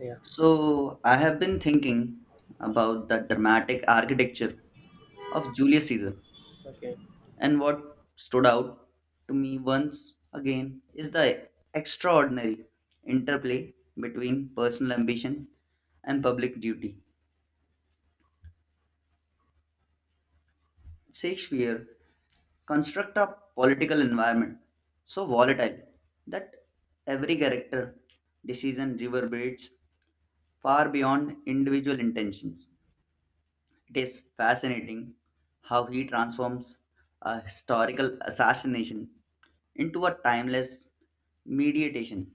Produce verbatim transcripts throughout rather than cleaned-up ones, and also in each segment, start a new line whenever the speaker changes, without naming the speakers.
Yeah,
So, I have been thinking about the dramatic architecture of Julius Caesar,
okay.
and what stood out to me once again is the extraordinary interplay between personal ambition and public duty. Shakespeare constructs a political environment so volatile that every character decision reverberates far beyond individual intentions. It is fascinating how he transforms a historical assassination into a timeless meditation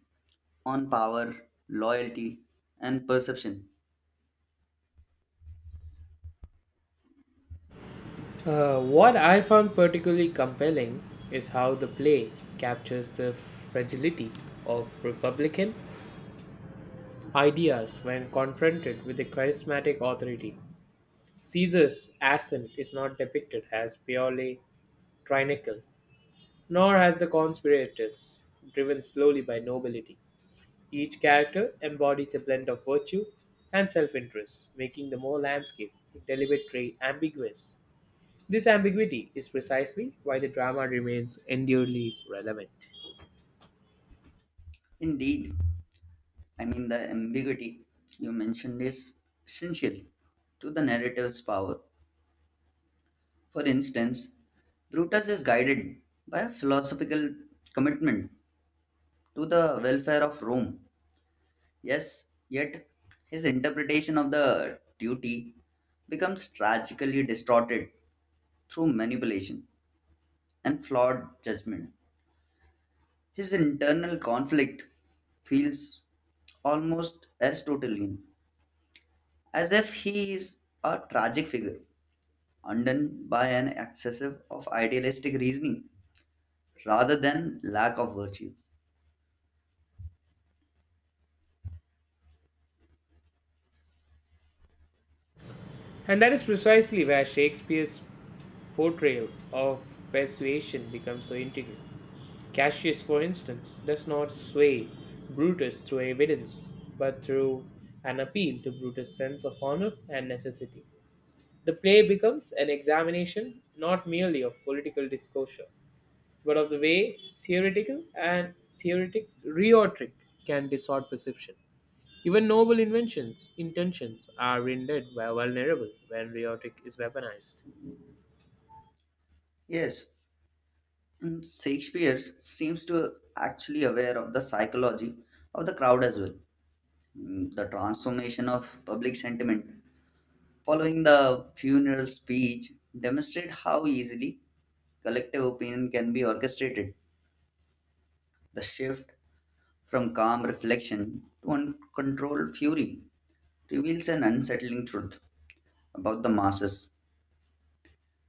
on power, loyalty, and perception.
Uh, what I found particularly compelling is how the play captures the fragility of Republican ideas when confronted with a charismatic authority. Caesar's ascent is not depicted as purely tyrannical, nor as the conspirators, driven slowly by nobility. Each character embodies a blend of virtue and self interest, making the whole landscape deliberately ambiguous. This ambiguity is precisely why the drama remains enduringly relevant.
Indeed, I mean, the ambiguity you mentioned is essential to the narrative's power. For instance, Brutus is guided by a philosophical commitment to the welfare of Rome. Yes, yet his interpretation of the duty becomes tragically distorted through manipulation and flawed judgment. His internal conflict feels almost Aristotelian, as if he is a tragic figure undone by an excessive of idealistic reasoning rather than lack of virtue.
And that is precisely where Shakespeare's portrayal of persuasion becomes so integral. Cassius, for instance, does not sway Brutus through evidence, but through an appeal to Brutus' sense of honor and necessity. The play becomes an examination not merely of political discourse, but of the way theoretical and theoretic rhetoric can distort perception. Even noble inventions, intentions are rendered vulnerable when rhetoric is weaponized.
Yes, and Shakespeare seems to actually aware of the psychology of the crowd as well. Mm, the transformation of public sentiment following the funeral speech demonstrate how easily collective opinion can be orchestrated. The shift from calm reflection to uncontrolled fury reveals an unsettling truth about the masses.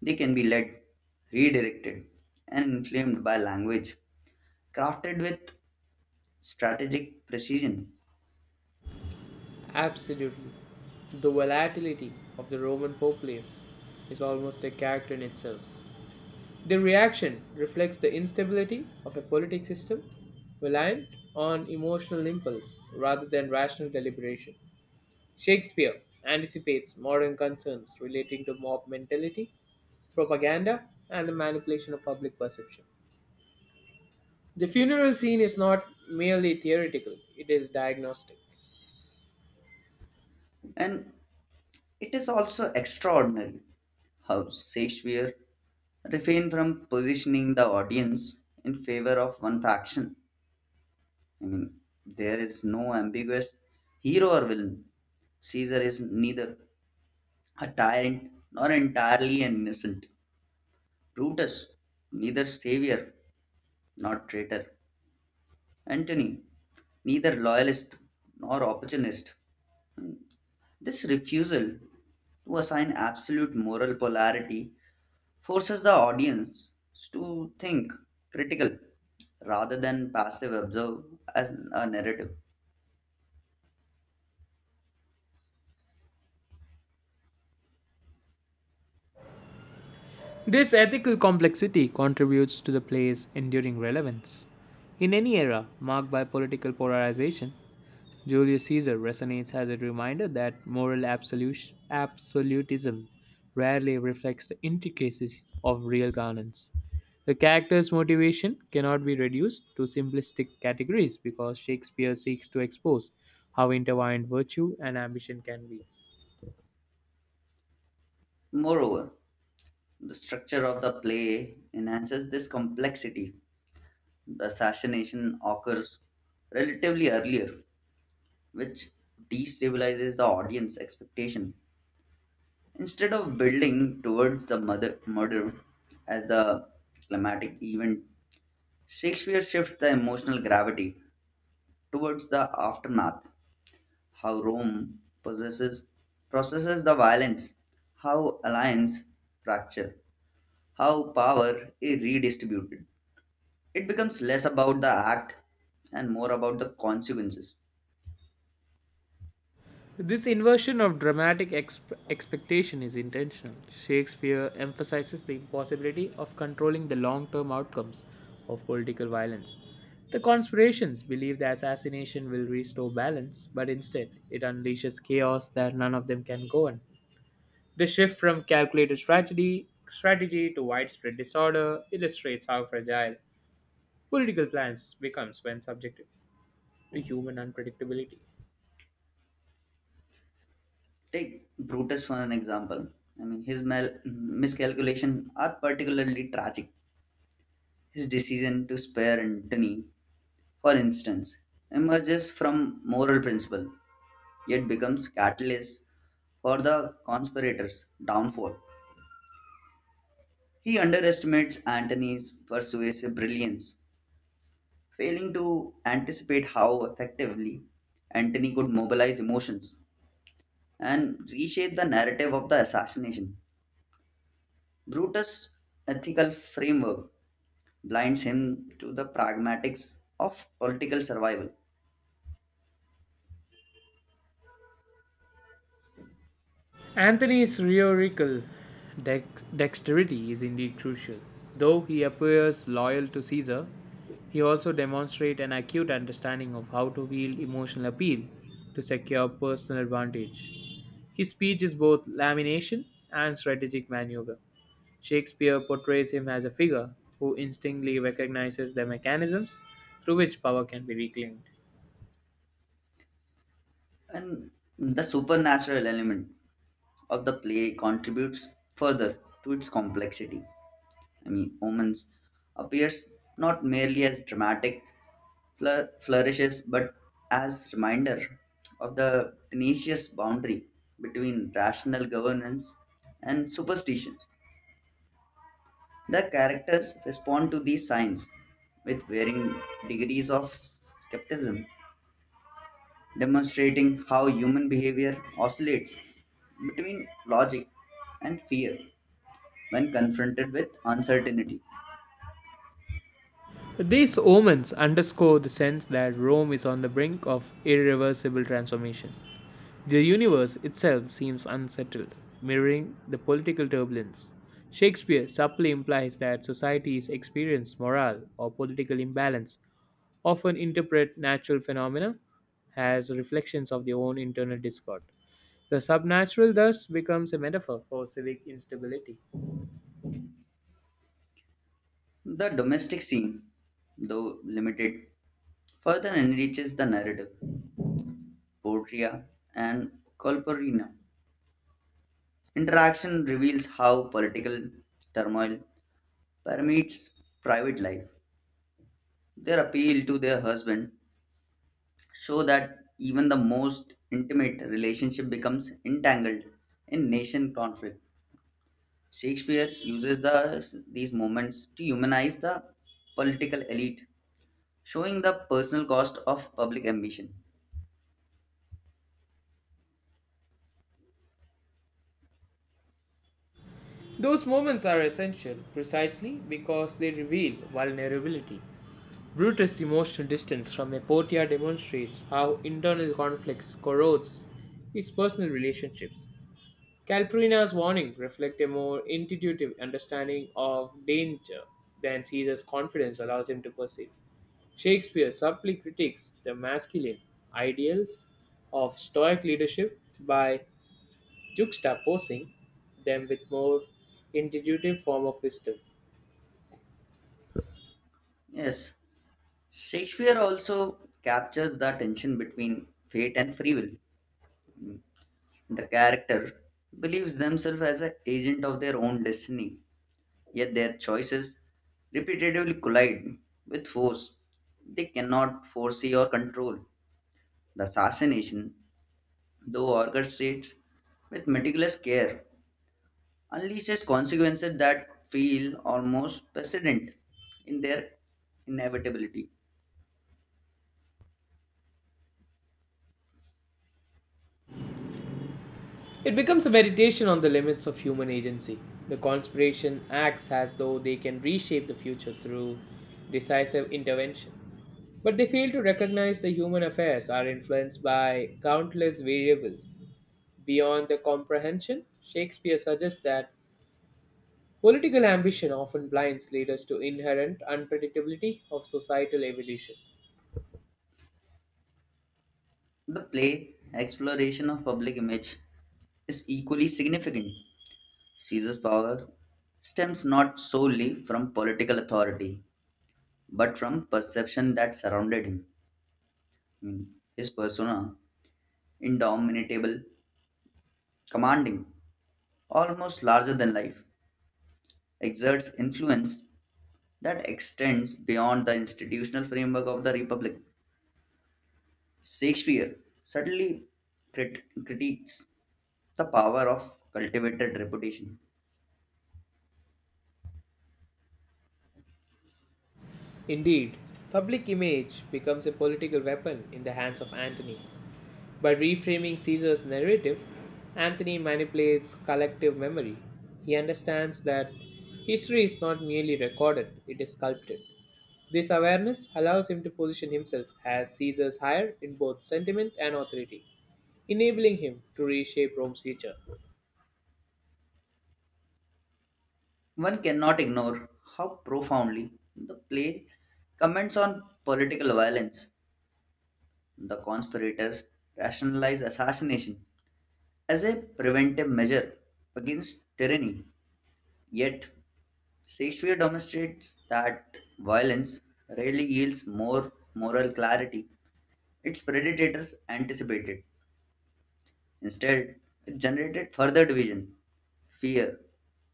They can be led, redirected, and inflamed by language crafted with strategic precision.
Absolutely. The volatility of the Roman populace is almost a character in itself. The reaction reflects the instability of a politic system reliant on emotional impulse rather than rational deliberation. Shakespeare anticipates modern concerns relating to mob mentality, propaganda, and the manipulation of public perception. The funeral scene is not merely theoretical, it is diagnostic.
And it is also extraordinary how Shakespeare refrain from positioning the audience in favor of one faction. I mean, there is no ambiguous hero or villain. Caesar is neither a tyrant nor entirely an innocent. Brutus, neither savior nor traitor. Antony, neither loyalist nor opportunist. This refusal to assign absolute moral polarity forces the audience to think critical rather than passive observe as a narrative.
This ethical complexity contributes to the play's enduring relevance. In any era marked by political polarization, Julius Caesar resonates as a reminder that moral absolut- absolutism rarely reflects the intricacies of real governance. The character's motivation cannot be reduced to simplistic categories because Shakespeare seeks to expose how intertwined virtue and ambition can be.
Moreover, the structure of the play enhances this complexity. The assassination occurs relatively earlier, which destabilizes the audience expectation. Instead of building towards the mother, murder as the climatic event, Shakespeare shifts the emotional gravity towards the aftermath, how Rome possesses, processes the violence, how alliance fracture, how power is redistributed. It becomes less about the act and more about the consequences.
This inversion of dramatic exp- expectation is intentional. Shakespeare emphasizes the impossibility of controlling the long term outcomes of political violence. The conspirations believe the assassination will restore balance, but instead it unleashes chaos that none of them can govern. The shift from calculated strategy, strategy to widespread disorder illustrates how fragile political plans becomes when subjected to human unpredictability.
Take Brutus for an example. I mean, his mal- miscalculation are particularly tragic. His decision to spare Antony, for instance, emerges from moral principle, yet becomes catalyst for the conspirators' downfall. He underestimates Antony's persuasive brilliance, failing to anticipate how effectively Antony could mobilize emotions and reshape the narrative of the assassination. Brutus' ethical framework blinds him to the pragmatics of political survival,
Anthony's rhetorical dex- dexterity is indeed crucial. Though he appears loyal to Caesar, he also demonstrates an acute understanding of how to wield emotional appeal to secure personal advantage. His speech is both lamination and strategic maneuver. Shakespeare portrays him as a figure who instinctively recognizes the mechanisms through which power can be reclaimed.
and the supernatural element of the play contributes further to its complexity. I mean, Omens appears not merely as dramatic fl- flourishes but as reminder of the tenacious boundary between rational governance and superstitions. The characters respond to these signs with varying degrees of skepticism, demonstrating how human behavior oscillates between logic and fear when confronted with uncertainty.
These omens underscore the sense that Rome is on the brink of irreversible transformation. The universe itself seems unsettled, mirroring the political turbulence. Shakespeare subtly implies that societies experience moral or political imbalance, often interpret natural phenomena as reflections of their own internal discord. The supernatural thus becomes a metaphor for civic instability.
The domestic scene, though limited, further enriches the narrative. Portia and Colporina interaction reveals how political turmoil permeates private life. Their appeal to their husband show that even the most intimate relationship becomes entangled in nation conflict. Shakespeare uses the, these moments to humanize the political elite, showing the personal cost of public ambition.
Those moments are essential precisely because they reveal vulnerability. Brutus' emotional distance from Hypatia demonstrates how internal conflicts corrodes his personal relationships. Calpurnia's warnings reflect a more intuitive understanding of danger than Caesar's confidence allows him to perceive. Shakespeare subtly critiques the masculine ideals of Stoic leadership by juxtaposing them with more intuitive form of wisdom.
Yes, Shakespeare also captures the tension between fate and free will. The character believes themselves as an agent of their own destiny, yet their choices repeatedly collide with force they cannot foresee or control. The assassination, though orchestrated with meticulous care, unleashes consequences that feel almost precedent in their inevitability.
It becomes a meditation on the limits of human agency. The conspiration acts as though they can reshape the future through decisive intervention. But they fail to recognize the human affairs are influenced by countless variables. Beyond the comprehension, Shakespeare suggests that political ambition often blinds leaders to inherent unpredictability of societal evolution.
The play Exploration of Public Image is equally significant. Caesar's power stems not solely from political authority, but from perception that surrounded him. I mean, his persona, indomitable, commanding, almost larger than life, exerts influence that extends beyond the institutional framework of the Republic. Shakespeare subtly crit- critiques the power of cultivated reputation.
Indeed, public image becomes a political weapon in the hands of Antony. By reframing Caesar's narrative, Antony manipulates collective memory. He understands that history is not merely recorded, it is sculpted. This awareness allows him to position himself as Caesar's heir in both sentiment and authority, enabling him to reshape Rome's future.
One cannot ignore how profoundly the play comments on political violence. The conspirators rationalize assassination as a preventive measure against tyranny. Yet, Shakespeare demonstrates that violence rarely yields more moral clarity its predators anticipated. Instead, it generated further division, fear,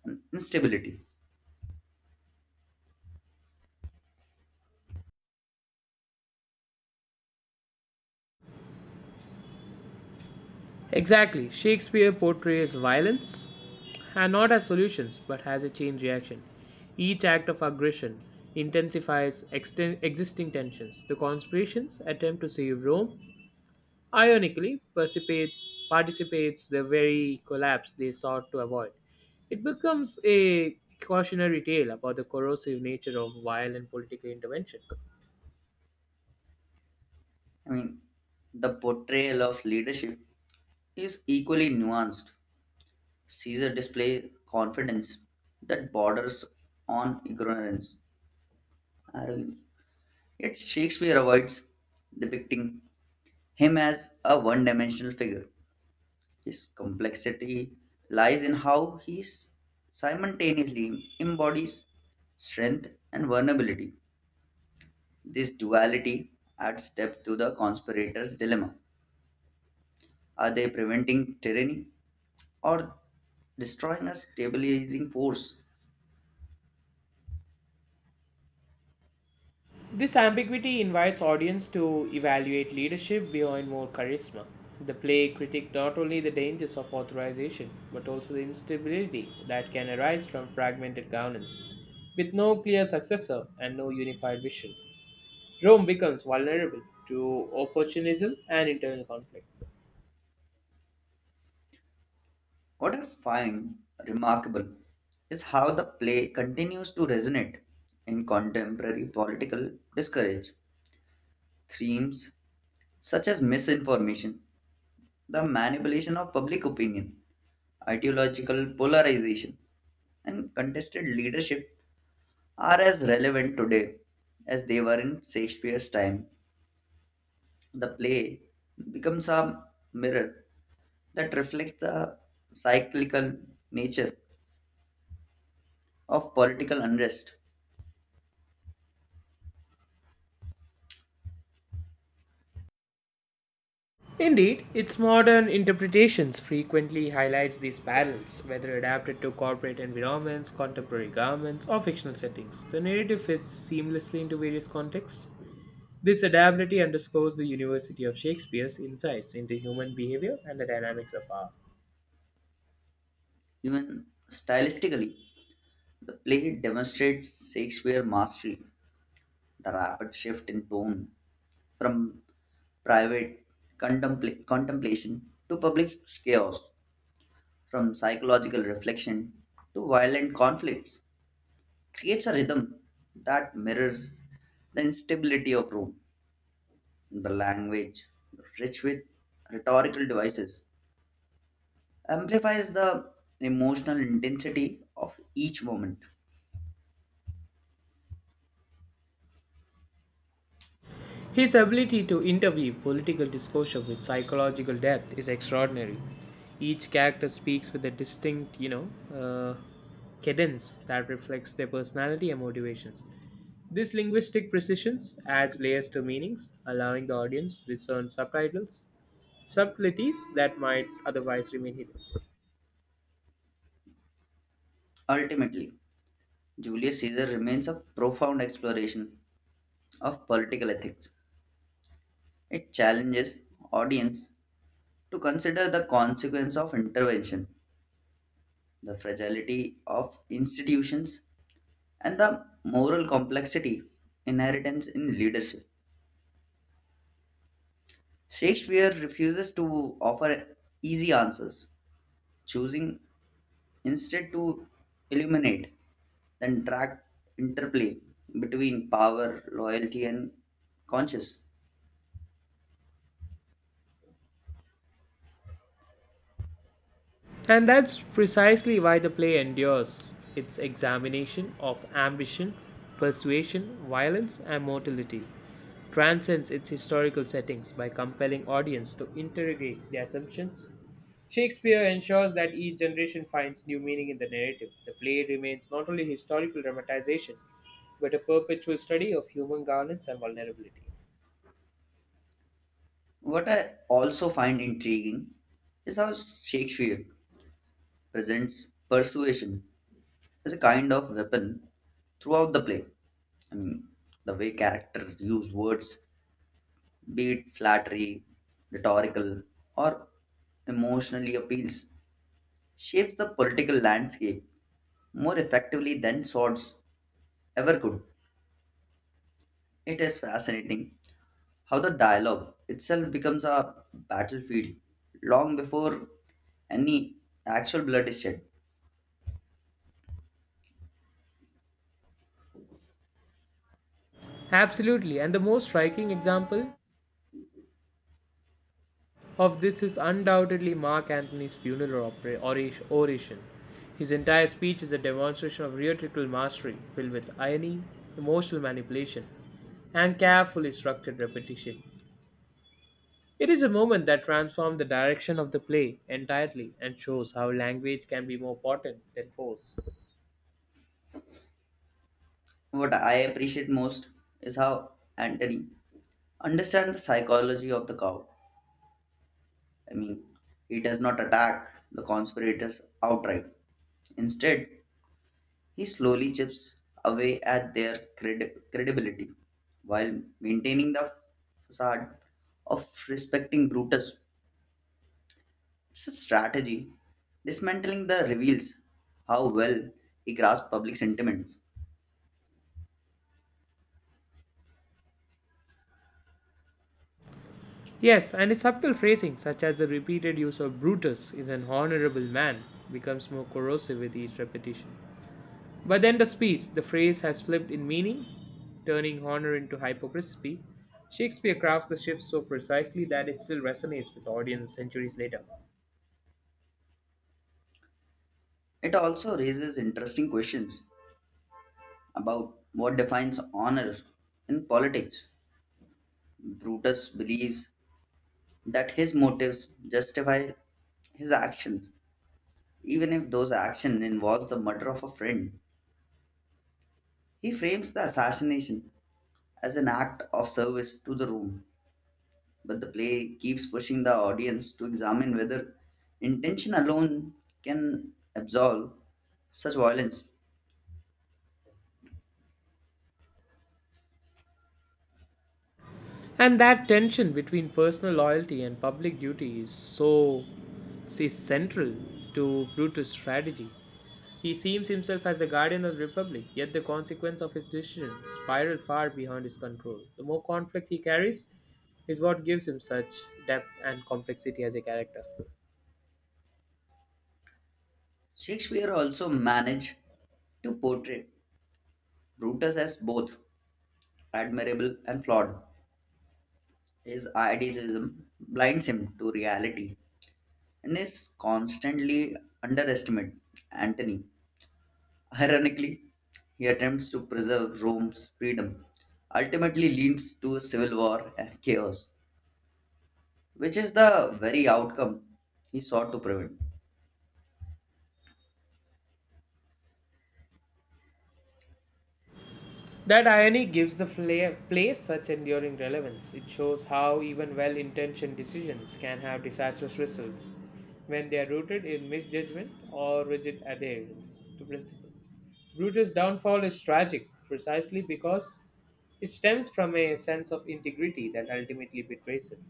and instability.
Exactly. Shakespeare portrays violence and not as solutions but as a chain reaction. Each act of aggression intensifies exten- existing tensions. The conspiration's attempt to save Rome, ironically, participates, participates the very collapse they sought to avoid. It becomes a cautionary tale about the corrosive nature of violent political intervention.
I mean, the portrayal of leadership is equally nuanced. Caesar displays confidence that borders on ignorance, arrogance. Yet Shakespeare avoids depicting him as a one dimensional figure. His complexity lies in how he s- simultaneously embodies strength and vulnerability. This duality adds depth to the conspirator's dilemma. Are they preventing tyranny or destroying a stabilizing force?
This ambiguity invites audience to evaluate leadership beyond more charisma. The play critiqued not only the dangers of authorization, but also the instability that can arise from fragmented governance. With no clear successor and no unified vision, Rome becomes vulnerable to opportunism and internal conflict.
What I find remarkable is how the play continues to resonate in contemporary political discourage. Themes such as misinformation, the manipulation of public opinion, ideological polarization, and contested leadership are as relevant today as they were in Shakespeare's time. The play becomes a mirror that reflects the cyclical nature of political unrest.
Indeed, its modern interpretations frequently highlights these parallels, whether adapted to corporate environments, contemporary governments, or fictional settings. The narrative fits seamlessly into various contexts. This adaptability underscores the University of Shakespeare's insights into human behavior and the dynamics of power.
Even stylistically, the play demonstrates Shakespeare's mastery, the rapid shift in tone from private contempla- contemplation to public chaos, from psychological reflection to violent conflicts, creates a rhythm that mirrors the instability of Rome. The language, rich with rhetorical devices, amplifies the emotional intensity of each moment.
His ability to interweave political discourse with psychological depth is extraordinary. Each character speaks with a distinct, you know, uh, cadence that reflects their personality and motivations. This linguistic precision adds layers to meanings, allowing the audience to discern subtitles, subtleties that might otherwise remain hidden.
Ultimately, Julius Caesar remains a profound exploration of political ethics. It challenges audience to consider the consequence of intervention, the fragility of institutions, and the moral complexity inheritance in leadership. Shakespeare refuses to offer easy answers, choosing instead to illuminate the track interplay between power, loyalty, and conscience.
And that's precisely why the play endures its examination of ambition, persuasion, violence, and mortality. Transcends its historical settings by compelling audience to interrogate the assumptions. Shakespeare ensures that each generation finds new meaning in the narrative. The play remains not only historical dramatization, but a perpetual study of human governance and vulnerability.
What I also find intriguing is how Shakespeare presents persuasion as a kind of weapon throughout the play. I mean, the way characters use words, be it flattery, rhetorical, or emotionally appeals, shapes the political landscape more effectively than swords ever could. It is fascinating how the dialogue itself becomes a battlefield long before any actual blood is shed.
Absolutely, and the most striking example of this is undoubtedly Mark Antony's funeral opera, oration, oration. His entire speech is a demonstration of rhetorical mastery filled with irony, emotional manipulation, and carefully structured repetition. It is a moment that transforms the direction of the play entirely and shows how language can be more potent than force.
What I appreciate most is how Antony understands the psychology of the cow. I mean, he does not attack the conspirators outright. Instead, he slowly chips away at their credi- credibility while maintaining the facade of respecting Brutus. It's a strategy. Dismantling the reveals how well he grasped public sentiments.
Yes, and his subtle phrasing, such as the repeated use of Brutus is an honorable man, becomes more corrosive with each repetition. By then, the speech, the phrase has flipped in meaning, turning honor into hypocrisy. Shakespeare crafts the shift so precisely that it still resonates with audiences centuries later.
It also raises interesting questions about what defines honor in politics. Brutus believes that his motives justify his actions, even if those actions involve the murder of a friend. He frames the assassination as an act of service to the Rome, but the play keeps pushing the audience to examine whether intention alone can absolve such violence.
And that tension between personal loyalty and public duty is so is central to Brutus' strategy. He sees himself as the guardian of the Republic, yet the consequence of his decisions spiral far beyond his control. The more conflict he carries is what gives him such depth and complexity as a character.
Shakespeare also managed to portray Brutus as both admirable and flawed. His idealism blinds him to reality and is constantly underestimate Antony. Ironically, he attempts to preserve Rome's freedom, ultimately leads to a civil war and chaos, which is the very outcome he sought to prevent.
That irony gives the fla- play such enduring relevance. It shows how even well intentioned decisions can have disastrous results when they are rooted in misjudgment or rigid adherence to principle. Brutus' downfall is tragic precisely because it stems from a sense of integrity that ultimately betrays him.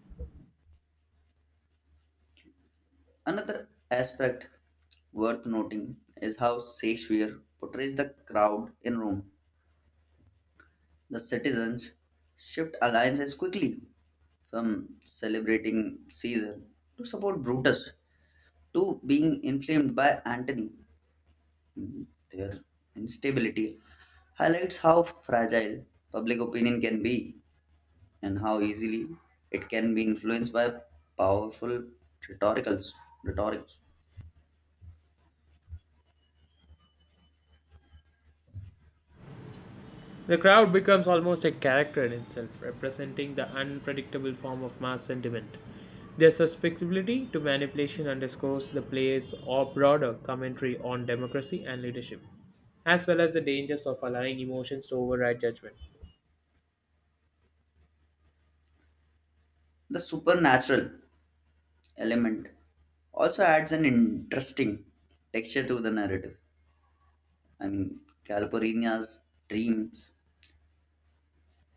Another aspect worth noting is how Shakespeare portrays the crowd in Rome. The citizens shift alliances quickly from celebrating Caesar to support Brutus to being inflamed by Antony. Their instability highlights how fragile public opinion can be and how easily it can be influenced by powerful rhetoricals, rhetorics.
The crowd becomes almost a character in itself, representing the unpredictable form of mass sentiment. Their susceptibility to manipulation underscores the play's or broader commentary on democracy and leadership, as well as the dangers of allowing emotions to override judgment.
The supernatural element also adds an interesting texture to the narrative. I mean, Calpurnia's dreams,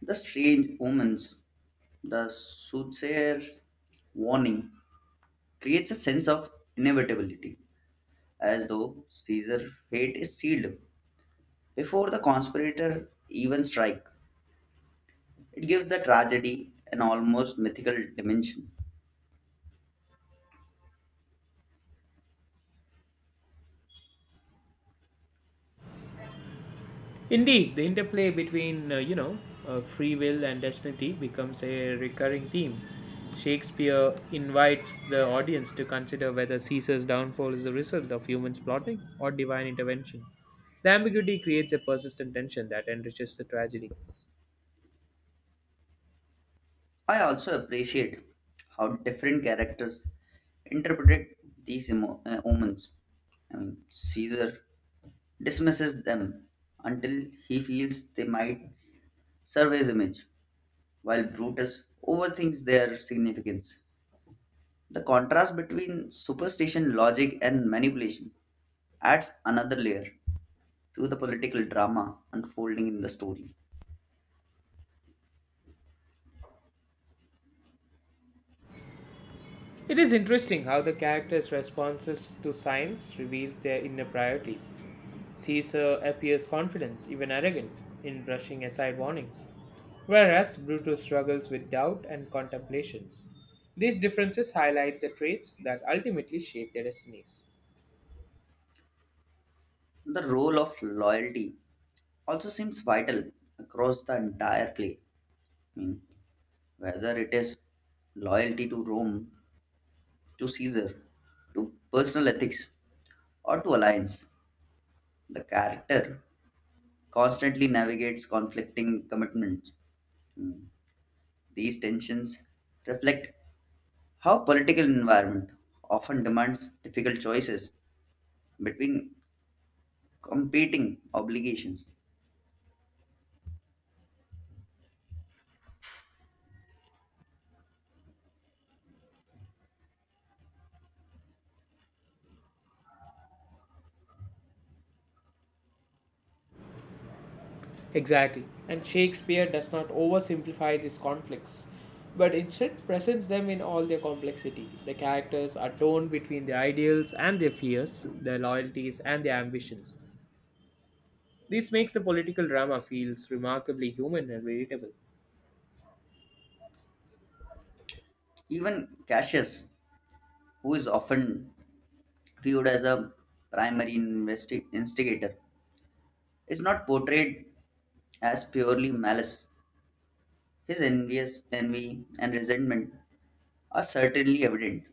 the strange omens, the soothsayer's warning creates a sense of inevitability, as though Caesar's fate is sealed before the conspirator even strike. It gives the tragedy an almost mythical dimension.
Indeed, the interplay between, uh, you know, uh, free will and destiny becomes a recurring theme. Shakespeare invites the audience to consider whether Caesar's downfall is a result of humans plotting or divine intervention. The ambiguity creates a persistent tension that enriches the tragedy.
I also appreciate how different characters interpreted these emo- uh, omens. I mean, Caesar dismisses them until he feels they might serve his image, while Brutus overthinks their significance. The contrast between superstition, logic, and manipulation adds another layer to the political drama unfolding in the story.
It is interesting how the character's responses to science reveals their inner priorities. Caesar appears confident, even arrogant, in brushing aside warnings, whereas Brutus struggles with doubt and contemplations. These differences highlight the traits that ultimately shape their destinies.
The role of loyalty also seems vital across the entire play. I mean, Whether it is loyalty to Rome, to Caesar, to personal ethics, or to alliance, the character constantly navigates conflicting commitments. These tensions reflect how political environment often demands difficult choices between competing obligations.
Exactly. And Shakespeare does not oversimplify these conflicts, but instead presents them in all their complexity. The characters are torn between their ideals and their fears, their loyalties and their ambitions. This makes the political drama feels remarkably human and relatable.
Even Cassius, who is often viewed as a primary investi- instigator, is not portrayed as purely malice. His envious envy and resentment are certainly evident,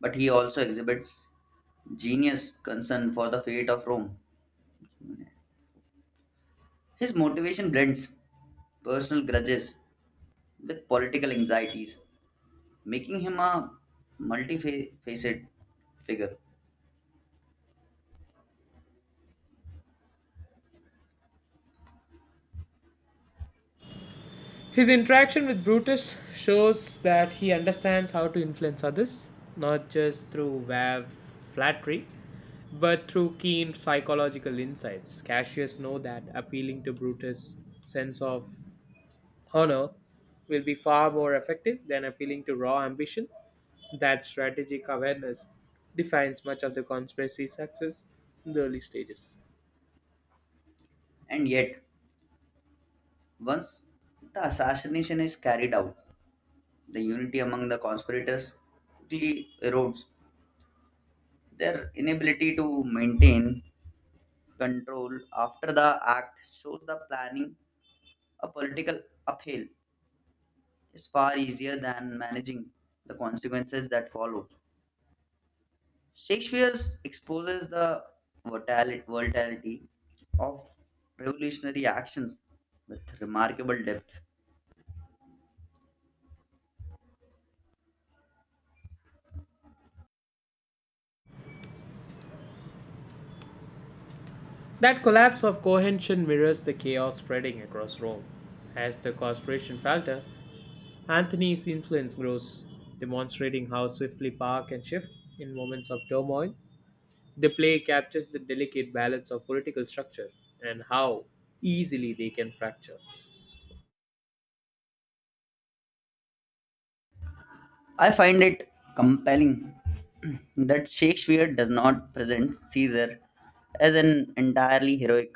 but he also exhibits genius concern for the fate of Rome. His motivation blends personal grudges with political anxieties, making him a multifaceted figure.
His interaction with Brutus shows that he understands how to influence others, not just through vague flattery, but through keen psychological insights. Cassius knows that appealing to Brutus' sense of honor will be far more effective than appealing to raw ambition. That strategic awareness defines much of the conspiracy's success in the early stages.
And yet, once the assassination is carried out, the unity among the conspirators quickly erodes. Their inability to maintain control after the act shows that planning a political upheaval is far easier than managing the consequences that follow. Shakespeare exposes the volatil- volatility of revolutionary actions with remarkable depth.
That collapse of cohesion mirrors the chaos spreading across Rome. As the corporation falter, Anthony's influence grows, demonstrating how swiftly power can shift in moments of turmoil. The play captures the delicate balance of political structure and how easily they can fracture.
I find it compelling that Shakespeare does not present Caesar as an entirely heroic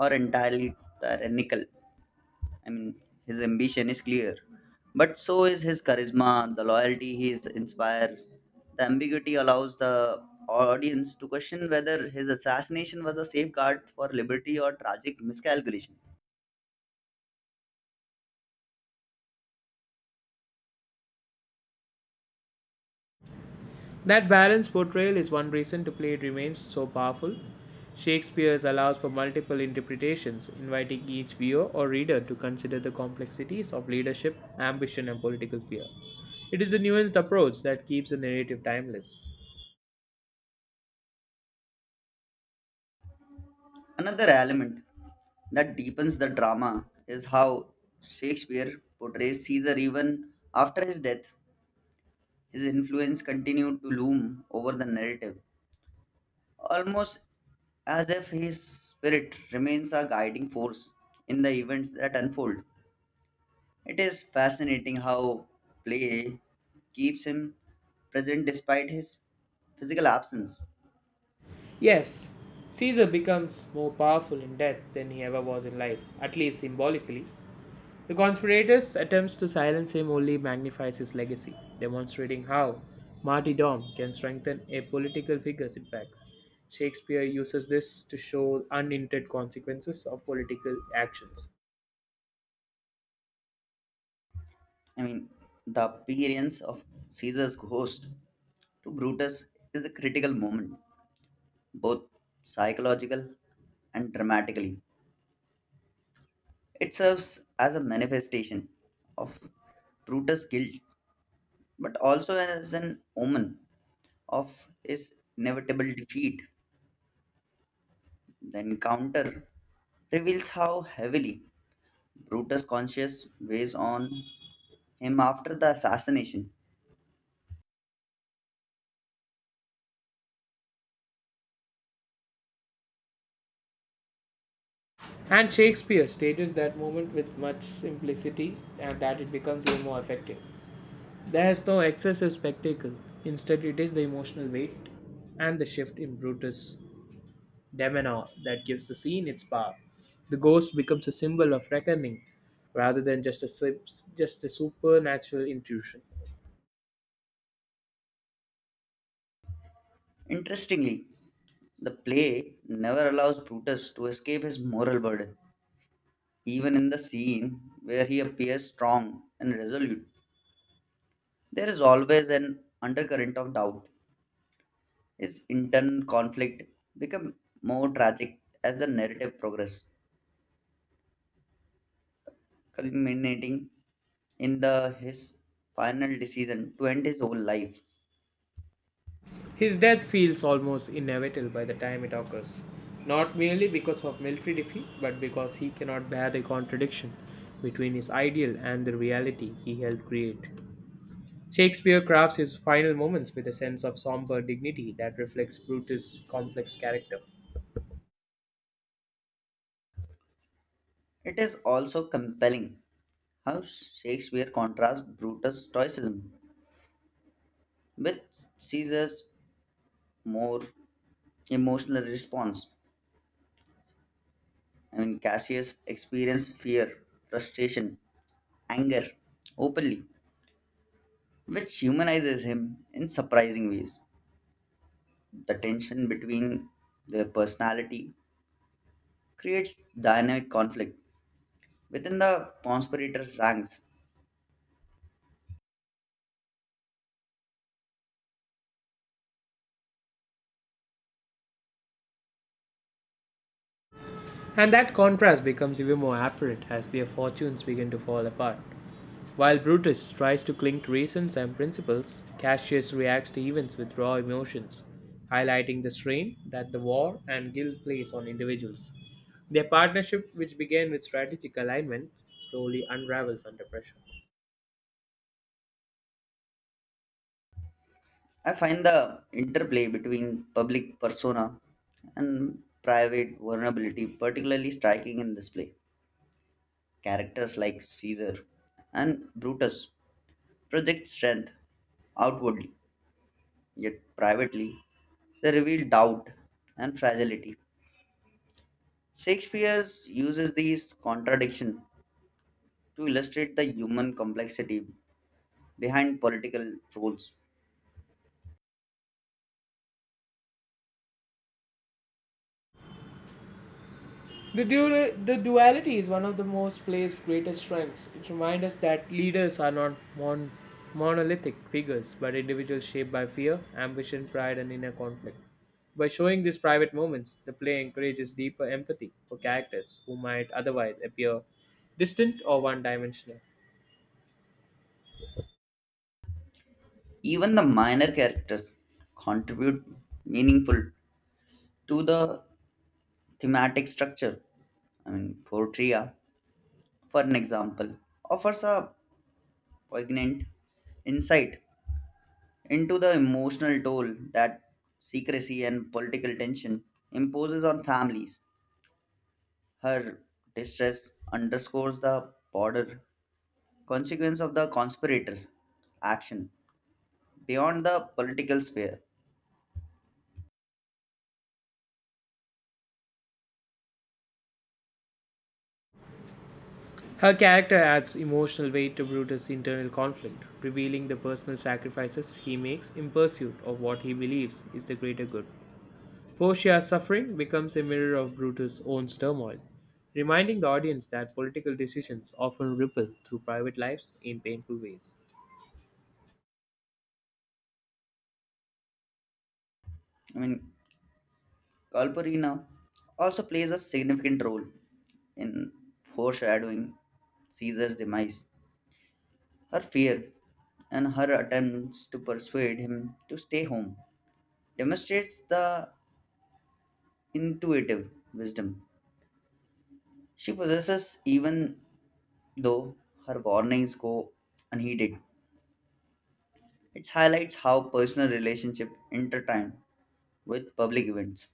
or entirely tyrannical. I mean, his ambition is clear, but so is his charisma, the loyalty he is inspires. The ambiguity allows the audience to question whether his assassination was a safeguard for liberty or tragic miscalculation.
That balanced portrayal is one reason to play It remains so powerful. Shakespeare's allows for multiple interpretations, inviting each viewer or reader to consider the complexities of leadership, ambition, and political fear. It is the nuanced approach that keeps the narrative timeless.
Another element that deepens the drama is how Shakespeare portrays Caesar even after his death. His influence continued to loom over the narrative almost as if his spirit remains a guiding force in the events that unfold. It is fascinating how play keeps him present despite his physical absence.
Yes, Caesar becomes more powerful in death than he ever was in life, at least symbolically. The conspirators' attempts to silence him only magnifies his legacy, demonstrating how Marty Dom can strengthen a political figure's impact. Shakespeare uses this to show unintended consequences of political actions.
I mean, the appearance of Caesar's ghost to Brutus is a critical moment, both psychological and dramatically. It serves as a manifestation of Brutus' guilt, but also as an omen of his inevitable defeat. The encounter reveals how heavily Brutus' conscience weighs on him after the assassination.
And Shakespeare stages that moment with much simplicity and that it becomes even more effective. There is no excessive spectacle, instead, it is the emotional weight and the shift in Brutus demeanor that gives the scene its power. The ghost becomes a symbol of reckoning rather than just a sup- just a supernatural intrusion.
Interestingly, the play never allows Brutus to escape his moral burden. Even in the scene where he appears strong and resolute, there is always an undercurrent of doubt. His internal conflict becomes more tragic as the narrative progresses, culminating in the his final decision to end his own life.
His death feels almost inevitable by the time it occurs, not merely because of military defeat, but because he cannot bear the contradiction between his ideal and the reality he helped create. Shakespeare crafts his final moments with a sense of somber dignity that reflects Brutus' complex character.
It is also compelling how Shakespeare contrasts Brutus' stoicism with Caesar's more emotional response. I mean, Cassius experienced fear, frustration, anger openly, which humanizes him in surprising ways. The tension between their personality creates dynamic conflict within the conspirators' ranks.
And that contrast becomes even more apparent as their fortunes begin to fall apart. While Brutus tries to cling to reasons and principles, Cassius reacts to events with raw emotions, highlighting the strain that the war and guilt place on individuals. Their partnership, which began with strategic alignment, slowly unravels under pressure.
I find the interplay between public persona and private vulnerability particularly striking in this play. Characters like Caesar and Brutus project strength outwardly, yet privately they reveal doubt and fragility. Shakespeare uses these contradictions to illustrate the human complexity behind political roles.
The, du- the duality is one of the most play's greatest strengths. It reminds us that leaders are not mon- monolithic figures, but individuals shaped by fear, ambition, pride, and inner conflict. By showing these private moments, the play encourages deeper empathy for characters who might otherwise appear distant or one dimensional.
Even the minor characters contribute meaningful to the Thematic structure. I mean, Portria, for an example, offers a poignant insight into the emotional toll that secrecy and political tension imposes on families. Her distress underscores the broader consequence of the conspirators' action beyond the political sphere.
Her character adds emotional weight to Brutus' internal conflict, revealing the personal sacrifices he makes in pursuit of what he believes is the greater good. Portia's suffering becomes a mirror of Brutus' own turmoil, reminding the audience that political decisions often ripple through private lives in painful ways.
I mean, Kalpurina also plays a significant role in foreshadowing Caesar's demise. Her fear and her attempts to persuade him to stay home demonstrates the intuitive wisdom she possesses even though her warnings go unheeded. It highlights how personal relationships intertwine with public events.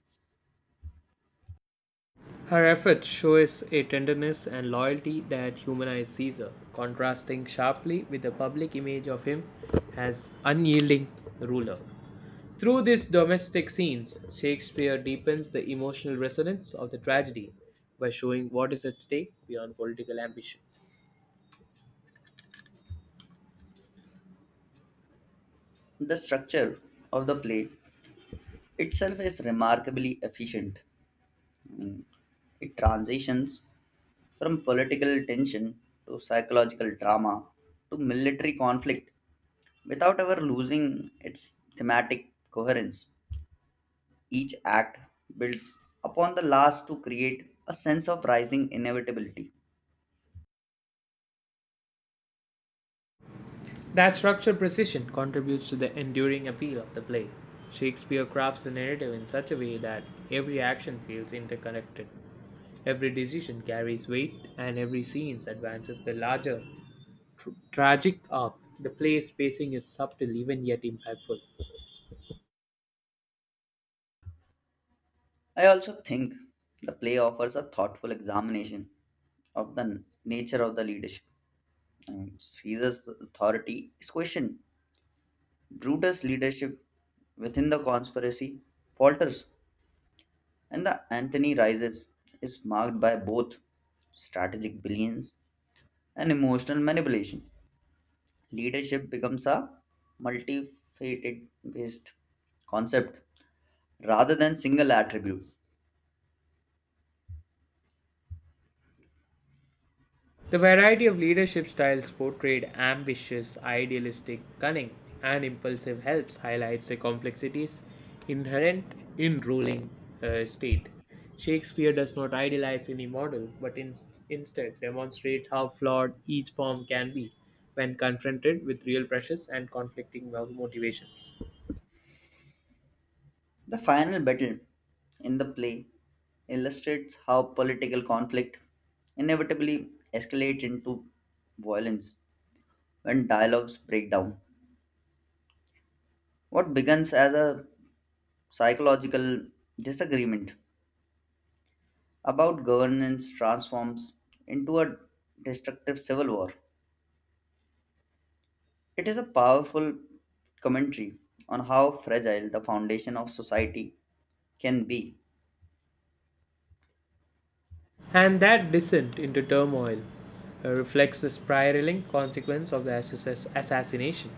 Her efforts show us a tenderness and loyalty that humanize Caesar, contrasting sharply with the public image of him as unyielding ruler. Through these domestic scenes, Shakespeare deepens the emotional resonance of the tragedy by showing what is at stake beyond political ambition.
The structure of the play itself is remarkably efficient. I mean, it transitions from political tension to psychological drama to military conflict without ever losing its thematic coherence. Each act builds upon the last to create a sense of rising inevitability.
That structural precision contributes to the enduring appeal of the play. Shakespeare crafts the narrative in such a way that every action feels interconnected. Every decision carries weight, and every scene advances the larger tr- tragic arc. The play's pacing is subtle even yet impactful.
I also think the play offers a thoughtful examination of the n- nature of the leadership. Um, Caesar's authority is questioned. Brutus' leadership within the conspiracy falters, and the Antony rises is marked by both strategic brilliance and emotional manipulation. Leadership becomes a multifaceted based concept rather than single attribute.
The variety of leadership styles portrayed ambitious, idealistic, cunning, and impulsive helps highlights the complexities inherent in ruling a state. Shakespeare does not idealize any model, but in, instead demonstrates how flawed each form can be when confronted with real pressures and conflicting motivations.
The final battle in the play illustrates how political conflict inevitably escalates into violence when dialogues break down. What begins as a psychological disagreement about governance transforms into a destructive civil war. It is a powerful commentary on how fragile the foundation of society can be.
And that descent into turmoil uh, reflects the spiraling consequence of the SSS assassination.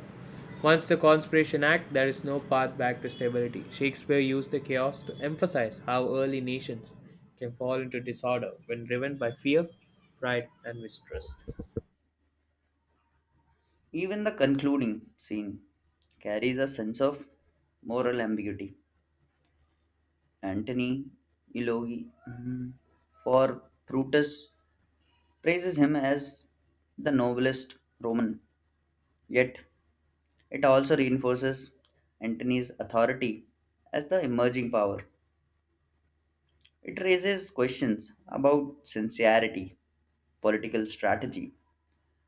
Once the Conspiration Act, there is no path back to stability. Shakespeare used the chaos to emphasize how early nations can fall into disorder when driven by fear, pride, and mistrust.
Even the concluding scene carries a sense of moral ambiguity. Antony Ilogi mm, for Brutus praises him as the noblest Roman, yet it also reinforces Antony's authority as the emerging power. It raises questions about sincerity, political strategy,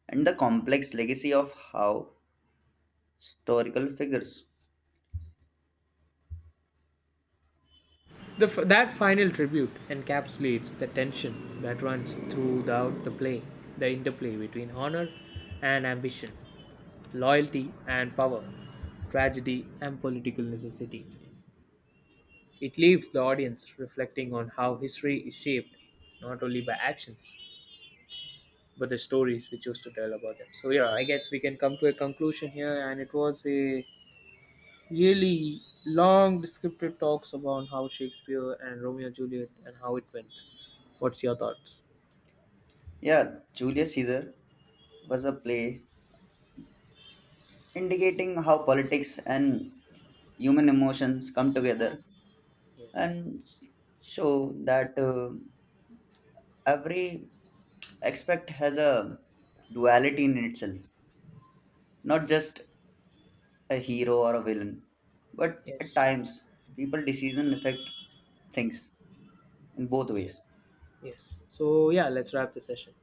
and the complex legacy of how historical figures.
The f- that final tribute encapsulates the tension that runs throughout the play, the interplay between honor and ambition, loyalty and power, tragedy and political necessity. It leaves the audience reflecting on how history is shaped not only by actions but the stories we choose to tell about them. So, yeah, I guess we can come to a conclusion here, and it was a really long descriptive talks about how Shakespeare and Romeo and Juliet and how it went. What's your thoughts?
Yeah, Julius Caesar was a play indicating how politics and human emotions come together
Yes.
and show that uh, every aspect has a duality in itself, not just a hero or a villain, but at
Yes.
times people decision affect things in both
Yeah.
ways.
Yes. So yeah, let's wrap the session.